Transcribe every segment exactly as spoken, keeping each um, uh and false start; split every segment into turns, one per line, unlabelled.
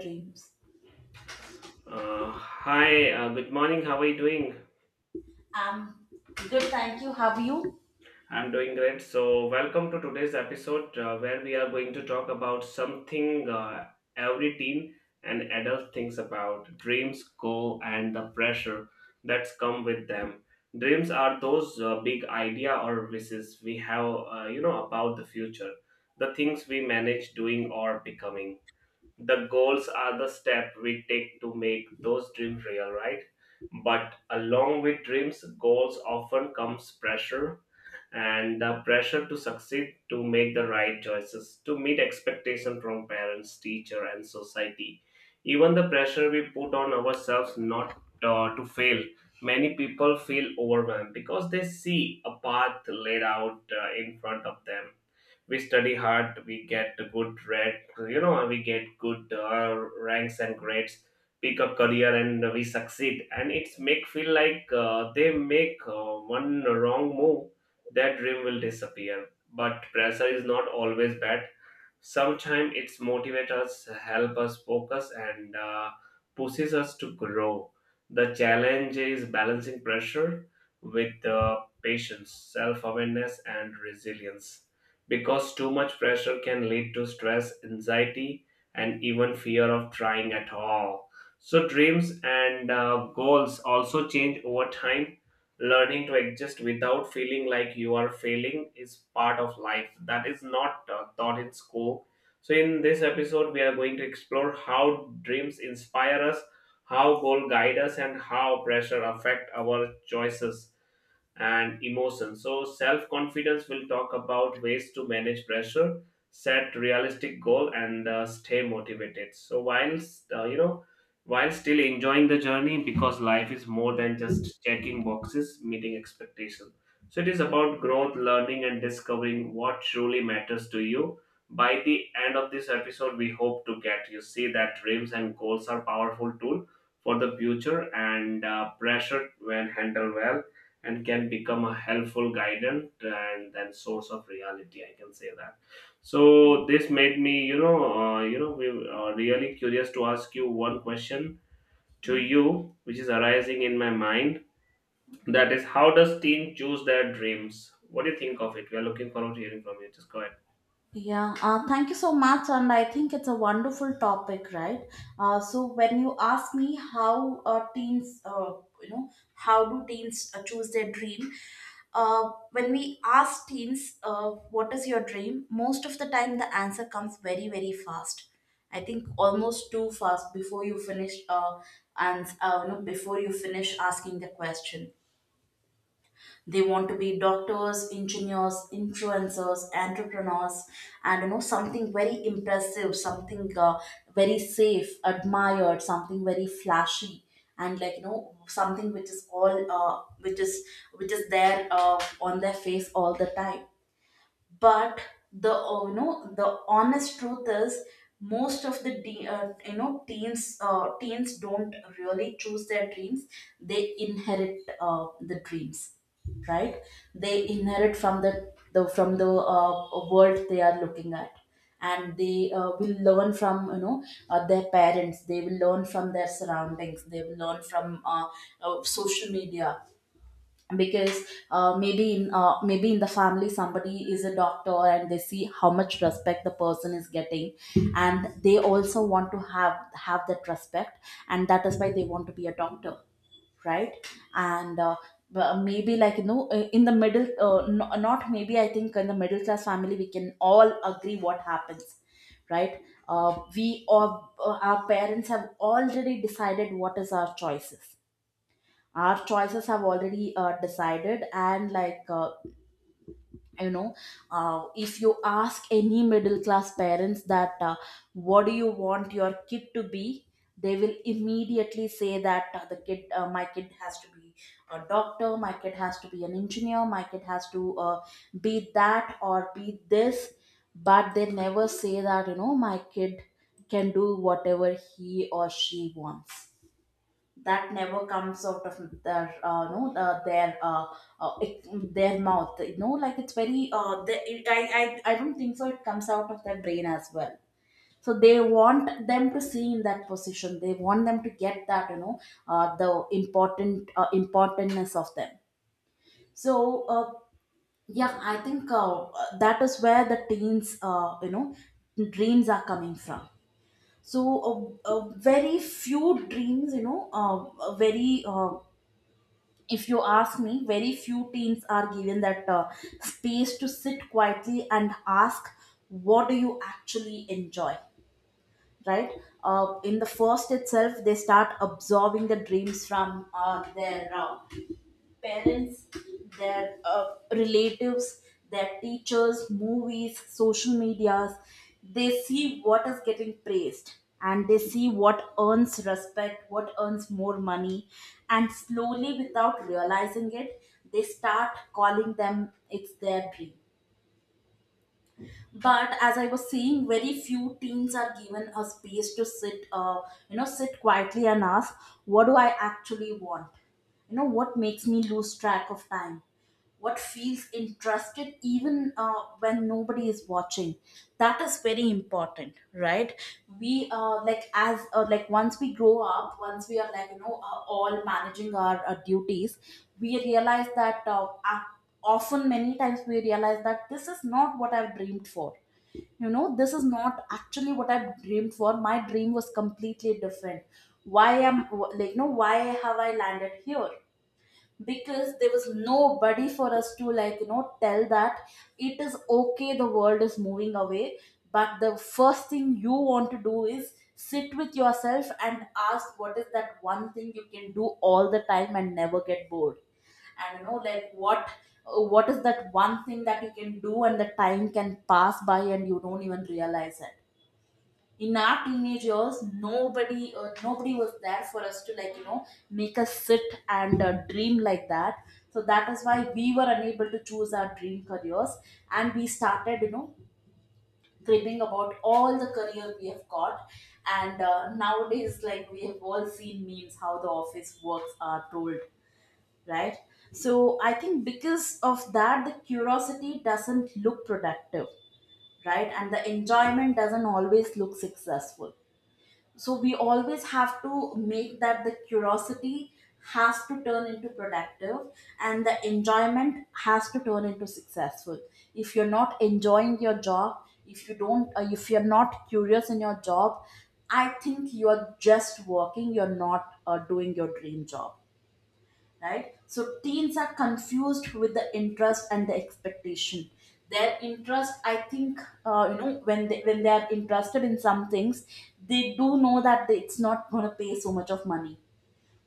Dreams.
Uh, hi, uh, good morning. How are you doing?
Um, Good, thank you. Have you?
I'm doing great. So, welcome to today's episode uh, where we are going to talk about something uh, every teen and adult thinks about: dreams, goal, and the pressure that's come with them. Dreams are those uh, big idea or wishes we have, uh, you know, about the future, the things we manage doing or becoming. The goals are the step we take to make those dreams real, right? But along with dreams, goals often comes pressure, and the pressure to succeed, to make the right choices, to meet expectation from parents, teacher and society, even the pressure we put on ourselves not uh, to fail. Many people feel overwhelmed because they see a path laid out uh, in front of them. We study hard, we get good red, you know we get good uh, ranks and grades, pick a career and we succeed, and it's make feel like uh, they make uh, one wrong move, that dream will disappear. But pressure is not always bad. Sometimes it's motivate us, help us focus and uh, pushes us to grow. The challenge is balancing pressure with uh, patience, self-awareness and resilience, because too much pressure can lead to stress, anxiety, and even fear of trying at all. So, dreams and uh, goals also change over time. Learning to exist without feeling like you are failing is part of life that is not uh, taught in school. So, in this episode, we are going to explore how dreams inspire us, how goal guide us, and how pressure affect our choices and emotion. So, self confidence will talk about ways to manage pressure, set realistic goal, and uh, stay motivated. So, while uh, you know, while still enjoying the journey, because life is more than just checking boxes, meeting expectations. So, it is about growth, learning, and discovering what truly matters to you. By the end of this episode, we hope to get you see that dreams and goals are powerful tool for the future, and uh, pressure, when handled well, and can become a helpful guidance and then source of reality, I can say that. So this made me, you know uh, you know we are really curious to ask you one question to you, which is arising in my mind, that is, how does teen choose their dreams? What do you think of it? We are looking forward to hearing from you. Just go ahead.
Yeah, uh, thank you so much. And I think it's a wonderful topic, right? Uh, so when you ask me how uh, teens, uh, you know, how do teens uh, choose their dream? Uh, when we ask teens, uh, what is your dream? Most of the time, the answer comes very, very fast. I think almost too fast before you finish, uh, and uh, you know, before you finish asking the question. They want to be doctors, engineers, influencers, entrepreneurs, and you know something very impressive, something uh, very safe, admired, something very flashy, and like you know something which is all uh, which is which is there uh, on their face all the time. But the uh, you know the honest truth is most of the de- uh, you know teens uh, teens don't really choose their dreams. They inherit uh, the dreams. Right? They inherit from the, the from the uh, world they are looking at. And they uh, will learn from you know uh, their parents, they will learn from their surroundings, they will learn from uh, uh, social media. Because uh, maybe in uh, maybe in the family somebody is a doctor and they see how much respect the person is getting, and they also want to have have that respect, and that is why they want to be a doctor. Right? And uh, but maybe like you know uh, in the middle uh, no, not maybe, I think in the middle class family we can all agree what happens. Right? Uh, we or uh, our parents have already decided what is our choices. Our choices have already uh, decided. And like uh, you know uh, if you ask any middle class parents that uh, what do you want your kid to be, they will immediately say that uh, the kid uh, my kid has to be a doctor, my kid has to be an engineer, my kid has to uh, be that or be this. But they never say that you know my kid can do whatever he or she wants. That never comes out of their uh, no uh, their uh, uh, it, their mouth, you know. Like it's very uh, they, it, I, I I don't think so it comes out of their brain as well. So they want them to see in that position, they want them to get that you know uh, the important uh, importantness of them. So uh, yeah i think uh, that is where the teens uh, you know dreams are coming from. So uh, uh, very few dreams you know uh, uh, very uh, if you ask me, very few teens are given that uh, space to sit quietly and ask, what do you actually enjoy? Right? Uh, in the first itself, they start absorbing the dreams from uh, their uh, parents, their uh, relatives, their teachers, movies, social medias. They see what is getting praised, and they see what earns respect, what earns more money. And slowly, without realizing it, they start calling them it's their dream. But as I was saying, very few teens are given a space to sit, uh, you know, sit quietly and ask, what do I actually want? You know, what makes me lose track of time? What feels interested even uh, when nobody is watching. That is very important, right? We uh, like as uh, like once we grow up, once we are like you know uh, all managing our uh, duties, we realize that uh, uh, often many times we realize that this is not what I've dreamed for. You know, this is not actually what I dreamed for. My dream was completely different. Why am, like you know, why have I landed here? Because there was nobody for us to like you know tell that it is okay, the world is moving away. But the first thing you want to do is sit with yourself and ask, what is that one thing you can do all the time and never get bored? And you know like what what is that one thing that you can do and the time can pass by and you don't even realize it. In our teenage years, nobody uh, nobody was there for us to like you know make us sit and uh, dream like that. So that is why we were unable to choose our dream careers, and we started you know cribbing about all the career we have got. And uh, nowadays, like we have all seen memes how the office works are told, right? So I think because of that, the curiosity doesn't look productive, right? And the enjoyment doesn't always look successful. So we always have to make that the curiosity has to turn into productive, and the enjoyment has to turn into successful. If you're not enjoying your job, if you don't uh, if you're not curious in your job, I think you're just working, you're not uh, doing your dream job, right? So teens are confused with the interest and the expectation. Their interest, I think, uh, you know, when they when they are interested in some things, they do know that they- it's not going to pay so much of money.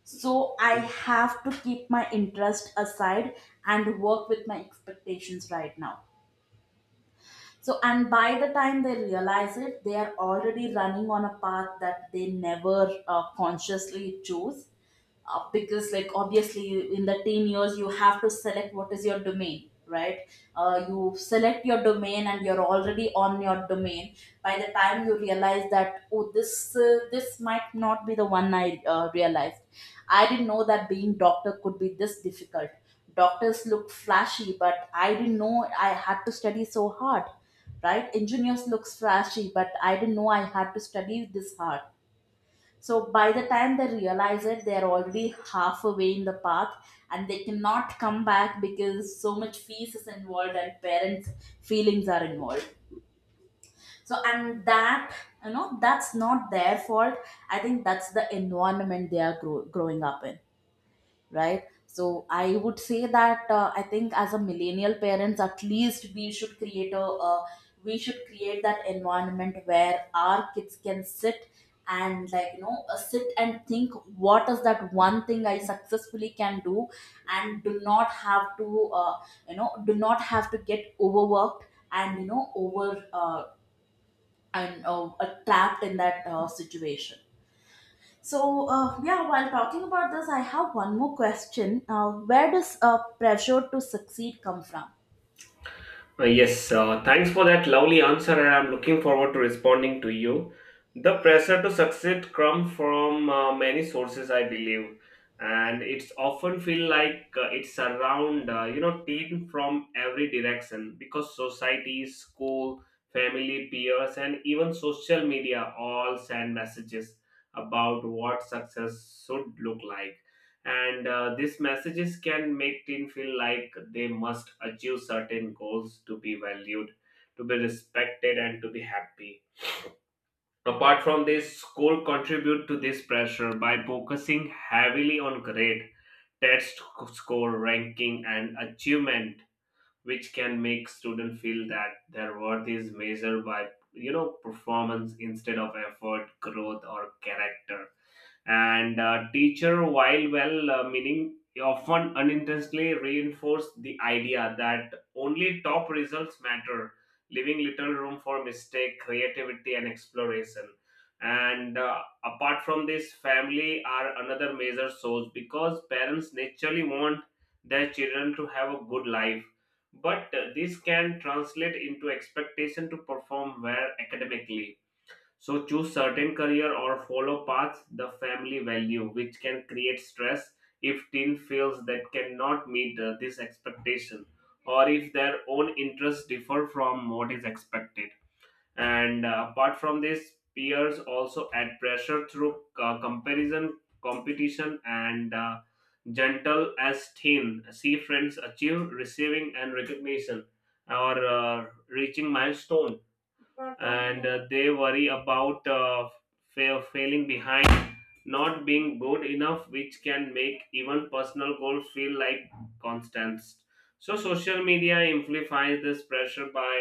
So I have to keep my interest aside and work with my expectations right now. So and by the time they realize it, they are already running on a path that they never uh, consciously chose. Uh, because like obviously in the ten years you have to select what is your domain, right? Uh, you select your domain and you're already on your domain. By the time you realize that, oh, this uh, this might not be the one I uh, realized. I didn't know that being doctor could be this difficult. Doctors look flashy but I didn't know I had to study so hard, right? Engineers looks flashy but I didn't know I had to study this hard. So by the time they realize it, they are already halfway in the path, and they cannot come back because so much fees is involved and parents' feelings are involved. So and that, you know, that's not their fault. I think that's the environment they are grow- growing up in, right? So I would say that uh, I think as a millennial parents, at least we should create a uh, we should create that environment where our kids can sit and like you know uh, sit and think what is that one thing I successfully can do, and do not have to uh, you know do not have to get overworked, and you know over uh, and uh, uh, trapped in that uh, situation. So, uh, yeah, while talking about this, I have one more question. Uh, where does uh, pressure to succeed come from?
Uh, Yes, uh, thanks for that lovely answer, and I'm looking forward to responding to you. The pressure to succeed comes from uh, many sources, I believe, and it's often feel like uh, it's around uh, you know teen from every direction, because society, school, family, peers, and even social media all send messages about what success should look like, and uh, these messages can make teen feel like they must achieve certain goals to be valued, to be respected and to be happy. Apart from this, school contribute to this pressure by focusing heavily on grade, test, score, ranking and achievement, which can make students feel that their worth is measured by, you know, performance instead of effort, growth or character. And uh, teacher, while well uh, meaning, often unintentionally reinforce the idea that only top results matter, leaving little room for mistake, creativity and exploration. And uh, apart from this, family are another major source, because parents naturally want their children to have a good life, but uh, this can translate into expectation to perform well academically, so choose certain career or follow paths the family value, which can create stress if teen feels that cannot meet uh, this expectation, or if their own interests differ from what is expected. And uh, apart from this, peers also add pressure through uh, comparison, competition, and uh, gentle as thin. See friends achieve, receiving, and recognition or uh, reaching milestone, and uh, they worry about uh, fa- failing behind, not being good enough, which can make even personal goals feel like constants. So social media amplifies this pressure by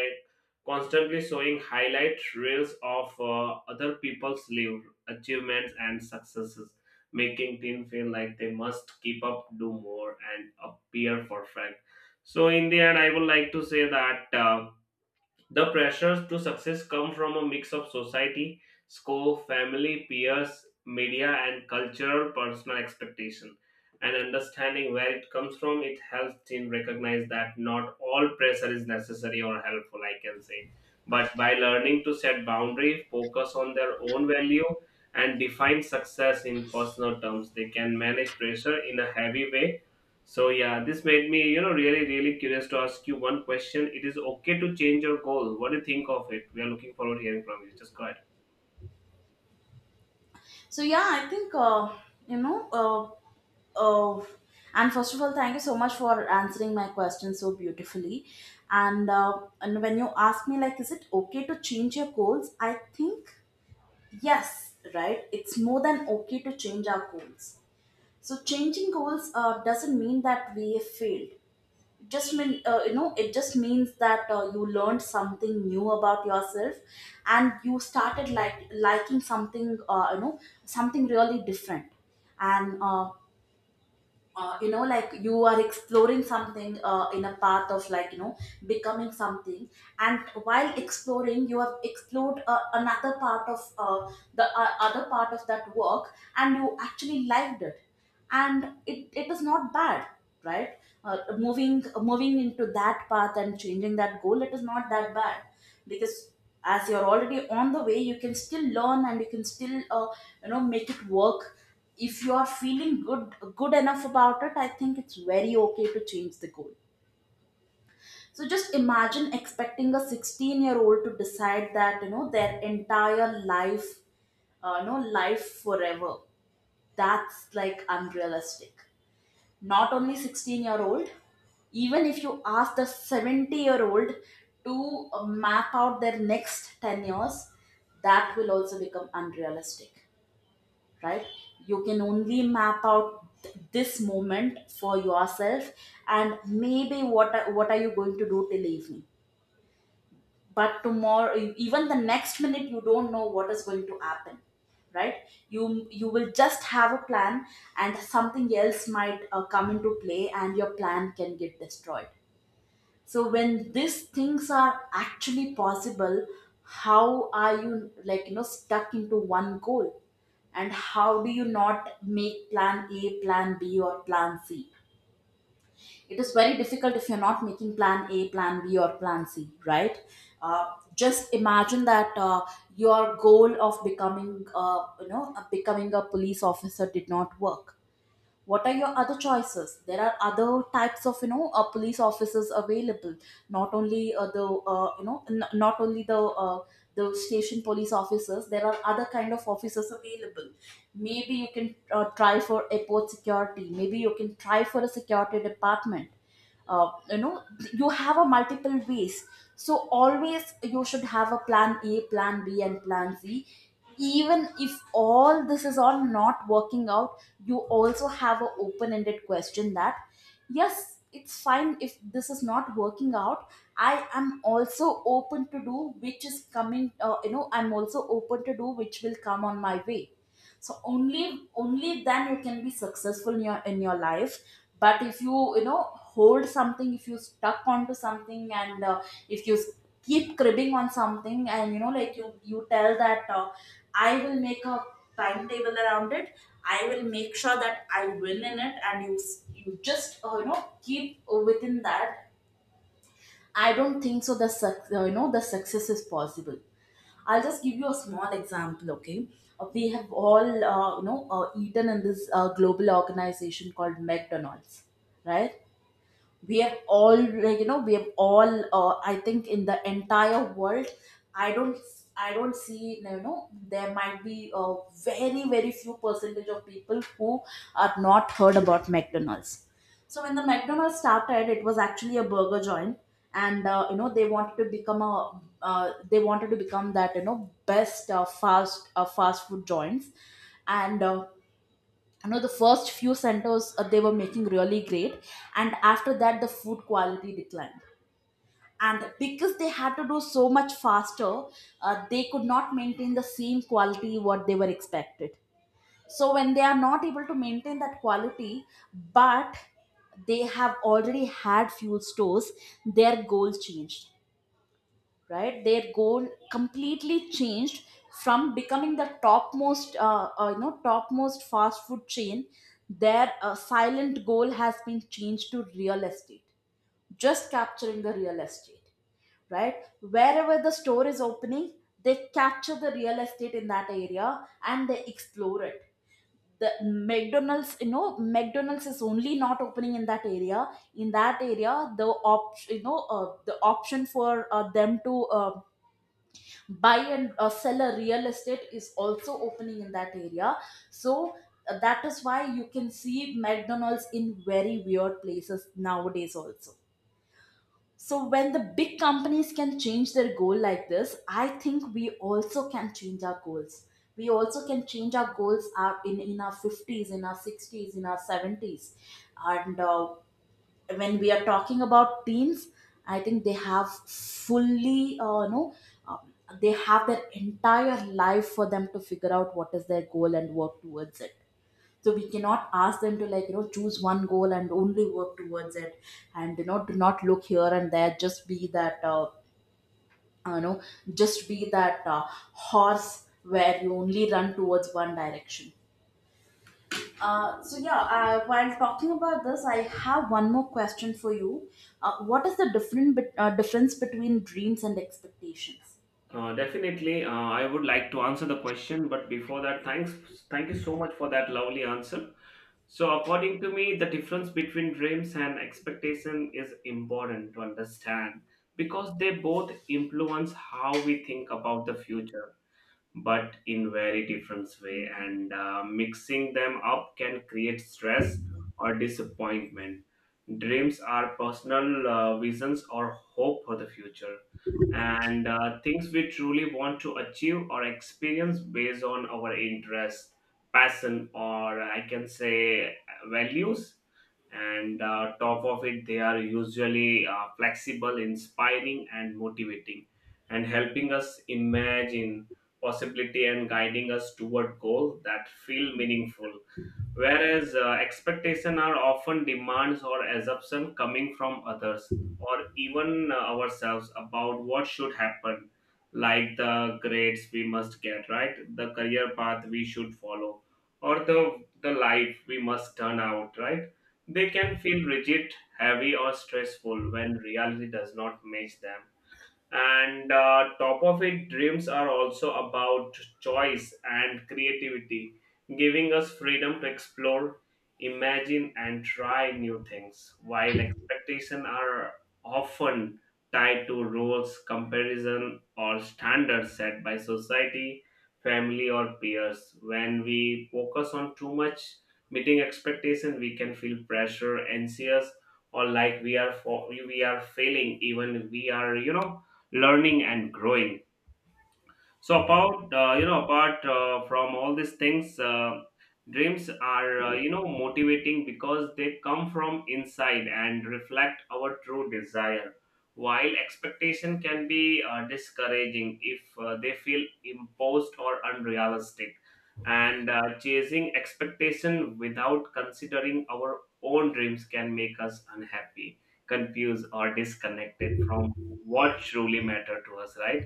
constantly showing highlight reels of uh, other people's live, achievements and successes, making team feel like they must keep up, do more, and appear perfect. So in the end, I would like to say that. Uh, the pressures to success come from a mix of society, school, family, peers, media, and cultural personal expectation. And understanding where it comes from, it helps teen recognize that not all pressure is necessary or helpful, I can say. But by learning to set boundaries, focus on their own value, and define success in personal terms, they can manage pressure in a heavy way. So yeah, this made me, you know, really, really curious to ask you one question. It is okay to change your goal. What do you think of it? We are looking forward to hearing from you. Just go ahead.
So, yeah, I think, uh, you know, uh, uh, and first of all, thank you so much for answering my question so beautifully. And, uh, and when you ask me, like, is it okay to change your goals? I think yes, right? It's more than okay to change our goals. So, changing goals uh, doesn't mean that we have failed. Just mean, uh, you know, it just means that uh, you learned something new about yourself and you started like liking something, uh, you know something really different. And uh, uh, you know like you are exploring something uh, in a path of like you know becoming something, and while exploring you have explored uh, another part of uh, the uh, other part of that work, and you actually liked it. And it, it is not bad, right? Uh, moving moving into that path and changing that goal, it is not that bad. Because as you're already on the way, you can still learn, and you can still uh, you know make it work. If you are feeling good good enough about it, I think it's very okay to change the goal. So just imagine expecting a sixteen year old to decide that you know their entire life, uh, you know life forever. That's like unrealistic. Not only sixteen year old, even if you ask the seventy year old to uh, map out their next ten years, that will also become unrealistic, right? You can only map out th- this moment for yourself, and maybe what are, what are you going to do till evening. But tomorrow, e, even the next minute you don't know what is going to happen, right? you you will just have a plan, and something else might uh, come into play and your plan can get destroyed. So when these things are actually possible, how are you like you know stuck into one goal, and how do you not make plan a, plan b or plan c? It is very difficult if you're not making plan a, plan b or plan c, right? uh, just imagine that uh, your goal of becoming uh, you know uh, becoming a police officer did not work. What are your other choices? There are other types of you know uh, police officers available, not only uh, the uh, you know n- not only the uh, the station police officers. There are other kind of officers available. Maybe you can uh, try for airport security, maybe you can try for a security department. uh, you know you have a multiple ways. So always you should have a plan a, plan b and plan c. Even if all this is all not working out, you also have an open-ended question that yes, it's fine if this is not working out. I am also open to do which is coming, uh, you know I'm also open to do which will come on my way. So only only then you can be successful in your in your life. But if you, you know hold something, if you stuck onto something and uh, if you s- keep cribbing on something and you know, like you you tell that uh, I will make a timetable around it, I will make sure that I win in it and you s- you just uh, you know keep within that, I don't think so the suc- uh, you know the success is possible. I'll just give you a small example, okay? Uh, We have all, uh, you know, uh, eaten in this uh, global organization called McDonald's, right? We have all, like you know we have all, uh, I think in the entire world, I don't, I don't see, you know, there might be a very very few percentage of people who are not heard about McDonald's. So when the McDonald's started, it was actually a burger joint, and uh, you know they wanted to become a, uh, they wanted to become that, you know, best uh, fast uh, fast food joints. And uh, you know the first few centers, uh, they were making really great, and after that the food quality declined. And because they had to do so much faster, uh, they could not maintain the same quality what they were expected. So when they are not able to maintain that quality, but they have already had few stores, their goals changed. Right, their goal completely changed from becoming the topmost uh, uh, you know topmost fast food chain. Their uh, silent goal has been changed to real estate, just capturing the real estate. Right, wherever the store is opening, they capture the real estate in that area and they explore it. The McDonald's, you know, McDonald's is only not opening in that area. In that area the op you know uh, the option for uh, them to uh, buy and uh, sell a real estate is also opening in that area. So uh, that is why you can see McDonald's in very weird places nowadays also. So when the big companies can change their goal like this, I think we also can change our goals. We also can change our goals our, in, in our fifties, in our sixties, in our seventies. And uh, when we are talking about teens, I think they have fully, uh, you know um, they have their entire life for them to figure out what is their goal and work towards it. So we cannot ask them to, like, you know, choose one goal and only work towards it. And you know, do not look here and there, just be that uh, uh, you know just be that uh, horse where you only run towards one direction. Uh, so yeah, uh, while talking about this, I have one more question for you. Uh, what is the different bet- uh, difference between dreams and expectations?
Uh, definitely, uh, I would like to answer the question, but before that, thanks, thank you so much for that lovely answer. So, according to me, the difference between dreams and expectation is important to understand, because they both influence how we think about the future, but in very different way. And uh, mixing them up can create stress or disappointment. Dreams are personal uh, visions or hope for the future, and uh, things we truly want to achieve or experience based on our interest, passion, or I can say, values. And uh, top of it, they are usually uh, flexible, inspiring and motivating, and helping us imagine possibility and guiding us toward goals that feel meaningful. Whereas uh, expectation are often demands or assumption coming from others or even uh, ourselves about what should happen, like the grades we must get right, the career path we should follow, or the the life we must turn out right. They can feel rigid, heavy or stressful when reality does not match them. And uh, top of it, dreams are also about choice and creativity, giving us freedom to explore, imagine and try new things, while expectations are often tied to roles, comparison or standards set by society, family or peers. When we focus on too much meeting expectation, we can feel pressure, anxious, or like we are for, we are failing even we are, you know, learning and growing. So about, uh, you know, apart uh, from all these things, uh, dreams are, uh, you know motivating because they come from inside and reflect our true desire. While expectation can be uh, discouraging if uh, they feel imposed or unrealistic, and uh, chasing expectation without considering our own dreams can make us unhappy, confused, or disconnected from what truly matter to us, right?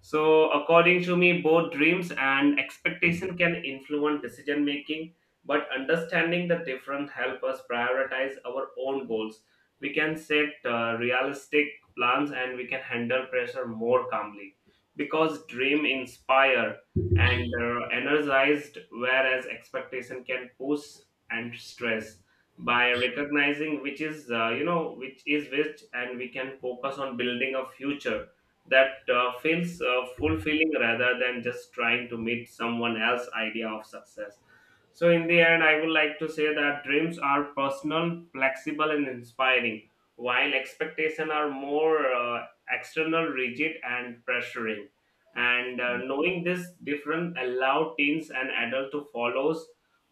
So, according to me, both dreams and expectation can influence decision making, but understanding the different help us prioritize our own goals. We can set uh, realistic plans and we can handle pressure more calmly, because dream inspire and uh, energized, whereas expectation can push and stress. By recognizing which is, uh, you know which is which, and we can focus on building a future that uh, feels uh, fulfilling rather than just trying to meet someone else's idea of success. So, in the end, I would like to say that dreams are personal, flexible, and inspiring, while expectations are more uh, external, rigid, and pressuring. And uh, knowing this difference allow teens and adults to follow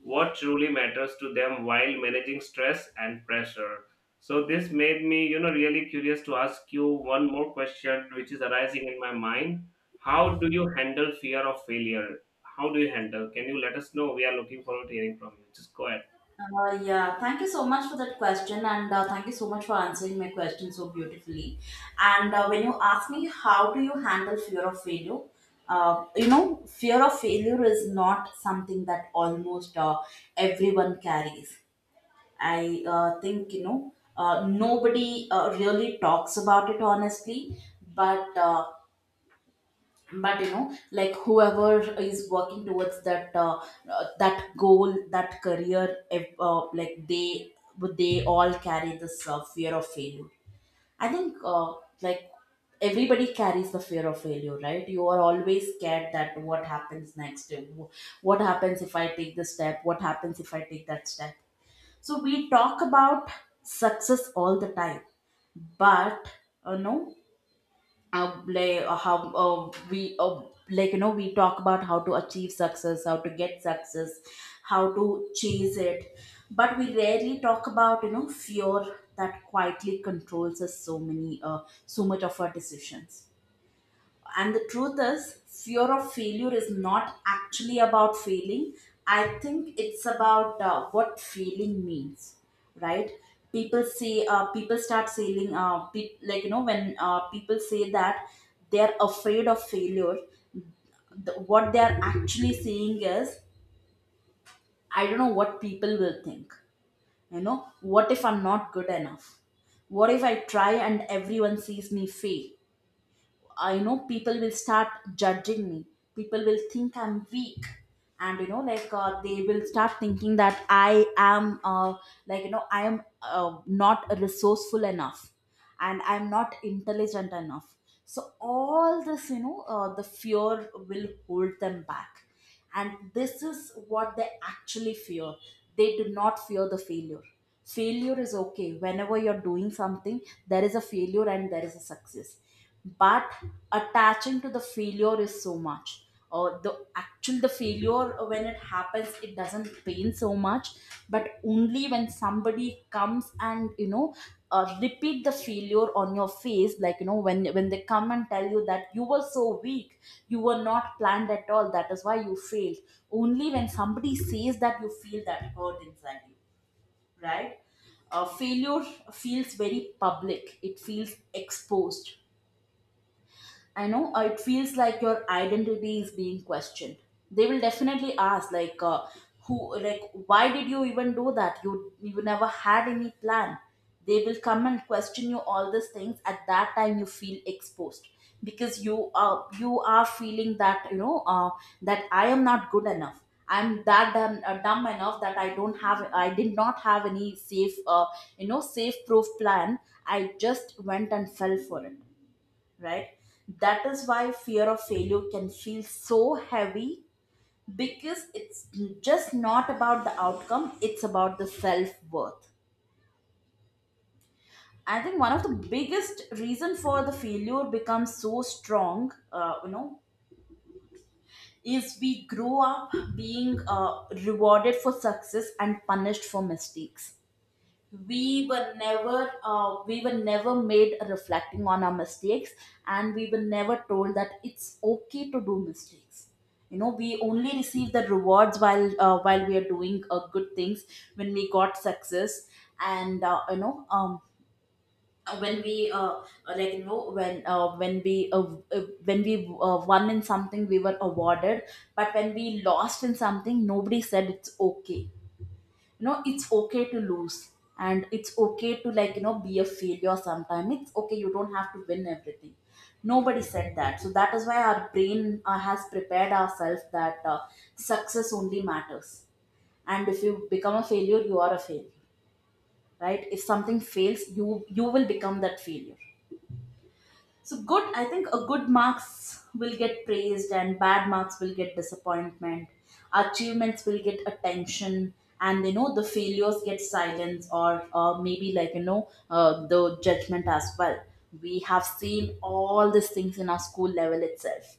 what truly matters to them while managing stress and pressure. So this made me, you know, really curious to ask you one more question, which is arising in my mind. How do you handle fear of failure? How do you handle? Can you let us know? We are looking forward to hearing from you. Just go ahead.
Uh, yeah, thank you so much for that question, and uh, thank you so much for answering my question so beautifully. And uh, when you ask me how do you handle fear of failure, uh, you know, fear of failure is not something that almost uh, everyone carries. I uh, think, you know, uh, nobody uh, really talks about it honestly, but uh, but you know, like whoever is working towards that uh, uh, that goal, that career, if, uh, like they they all carry this uh, fear of failure. I think, uh, like everybody carries the fear of failure, right? You are always scared that what happens next, and wh- what happens if I take this step, what happens if I take that step? So we talk about success all the time, but uh, no, uh, like uh, how uh, we uh, like you know we talk about how to achieve success, how to get success, how to chase it, but we rarely talk about, you know, fear, that quietly controls us so many uh, so much of our decisions. And the truth is, fear of failure is not actually about failing. I think it's about uh, what failing means, right? People say, uh, people start saying, uh, pe- like, you know, when uh, people say that they're afraid of failure, the, what they're actually saying is, I don't know what people will think. You know, what if I'm not good enough? What if I try and everyone sees me fail? I, you know, people will start judging me. People will think I'm weak, and you know, like, uh, they will start thinking that I am, uh, like you know, I am uh, not resourceful enough, and I'm not intelligent enough. So all this, you know, uh, the fear will hold them back, and this is what they actually fear. They do not fear the failure. Failure is okay. Whenever you're doing something, there is a failure and there is a success. But attaching to the failure is so much. Or the actual the failure, uh, when it happens, it doesn't pain so much, but only when somebody comes and, you know, uh, repeat the failure on your face, like you know, when when they come and tell you that you were so weak, you were not planned at all, that is why you failed. Only when somebody says that, you feel that hurt inside you, right? Uh, failure feels very public, it feels exposed. I know, uh, it feels like your identity is being questioned. They will definitely ask, like, uh, who, like, why did you even do that? You, you never had any plan. They will come and question you all these things. At that time, you feel exposed, because you are you are feeling that, you know, uh, that I am not good enough. I'm that dumb, uh, dumb enough that I don't have I did not have any safe, uh, you know safe proof plan. I just went and fell for it, right? That is why fear of failure can feel so heavy, because it's just not about the outcome, it's about the self worth. I think one of the biggest reason for the failure becomes so strong, uh, you know, is we grow up being uh, rewarded for success and punished for mistakes. We were never uh, we were never made reflecting on our mistakes, and we were never told that it's okay to do mistakes. You know, we only receive the rewards while, uh, while we are doing uh, good things, when we got success. And uh, you know um when we uh, like you know when uh, when we uh, uh, when we uh, won in something, we were awarded, but when we lost in something, nobody said it's okay. You know, it's okay to lose, and it's okay to, like you know, be a failure sometime. It's okay, you don't have to win everything. Nobody said that. So that is why our brain uh, has prepared ourselves that uh, success only matters, and if you become a failure, you are a failure. Right, if something fails, you you will become that failure. So good, I think a good marks will get praised and bad marks will get disappointment. Achievements will get attention, and you know, the failures get silence, or or maybe, like you know, uh, the judgment as well. We have seen all these things in our school level itself.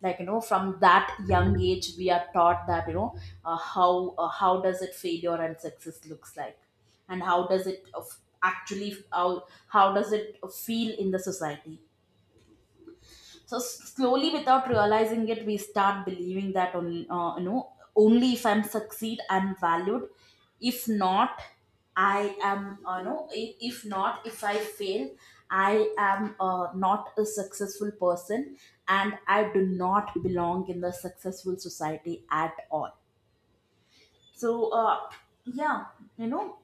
Like you know, from that young age, we are taught that you know, uh, how uh, how does it failure and success looks like, and how does it, uh, actually how how does it feel in the society. So s- slowly, without realizing it, we start believing that only, uh, you know only if I'm succeed, I'm valued. If not, I am, uh, you know if, if not, if I fail, I am uh, not a successful person, and I do not belong in the successful society at all. So uh, yeah you know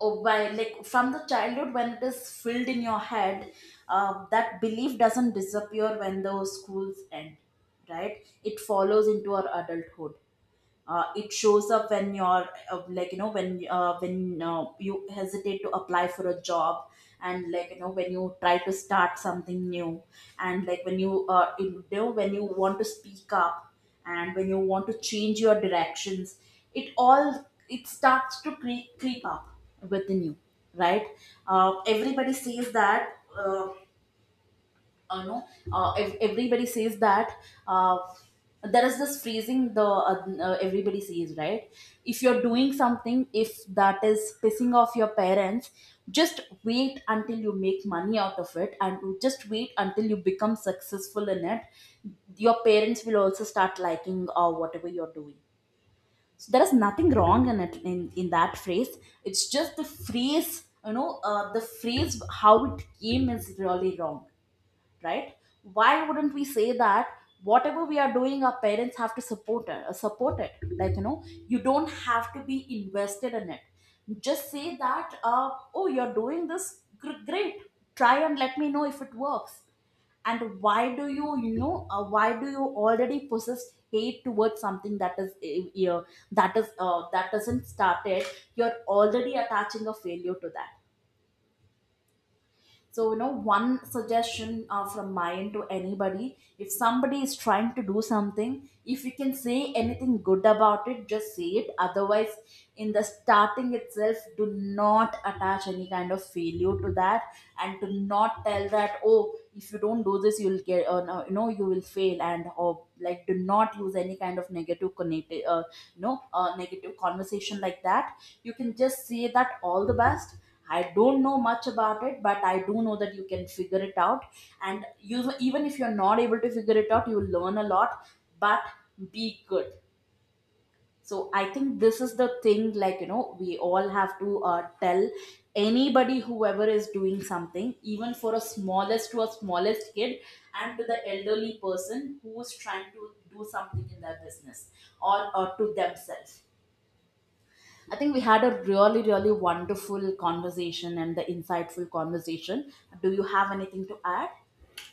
oh, by, like from the childhood when it is filled in your head, uh, that belief doesn't disappear when those schools end. Right, it follows into our adulthood. Uh, it shows up when you're, uh, like you know when uh, when uh, you hesitate to apply for a job, and like you know, when you try to start something new, and like when you, uh, you know when you want to speak up, and when you want to change your directions. It all, it starts to creep creep up within you, right? uh, everybody says that uh, uh, know uh, ev- everybody says that uh, there is this phrasing, the uh, uh, everybody says, right? If you're doing something, if that is pissing off your parents, just wait until you make money out of it, and you just wait until you become successful in it, your parents will also start liking, uh, whatever you're doing. So there is nothing wrong in it, in, in that phrase. It's just the phrase, you know, uh, the phrase, how it came is really wrong, right? Why wouldn't we say that whatever we are doing, our parents have to support it, uh, support it. Like you know, you don't have to be invested in it. Just say that, uh, oh, you're doing this, gr- great, try and let me know if it works. And why do you, you know uh, why do you already possess hate towards something that is, uh, uh, that is uh, that doesn't started? You're already attaching a failure to that. So, you know, one suggestion uh, from my end to anybody: if somebody is trying to do something, if you can say anything good about it, just say it. Otherwise, in the starting itself, do not attach any kind of failure to that, and do not tell that, oh, if you don't do this, you'll get, uh, no, you know, you will fail. And, or like, do not use any kind of negative connected, uh, you know a negative conversation like that. You can just say that all the best, I don't know much about it, but I do know that you can figure it out. And you even if you're not able to figure it out, you will learn a lot. But be good. So I think this is the thing, like you know, we all have to uh, tell anybody whoever is doing something, even for a smallest to a smallest kid, and to the elderly person who is trying to do something in their business, or, or to themselves. I think we had a really, really wonderful conversation and the insightful conversation. Do you have anything to add?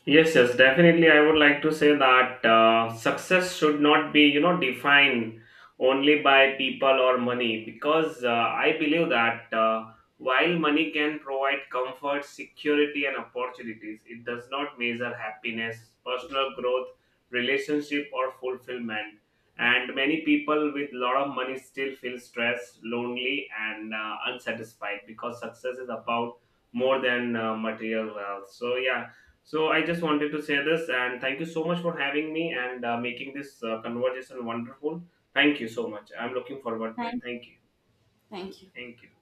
Yes, yes, definitely. I would like to say that uh, success should not be, you know, defined only by people or money, because uh, I believe that uh, while money can provide comfort, security, and opportunities, it does not measure happiness, personal growth, relationship, or fulfillment. And many people with lot of money still feel stressed, lonely, and uh, unsatisfied, because success is about more than uh, material wealth. So, yeah, so I just wanted to say this, and thank you so much for having me and uh, making this uh, conversation wonderful. Thank you so much. I'm looking forward to it.
Thank,
Thank you.
Thank you.
Thank you.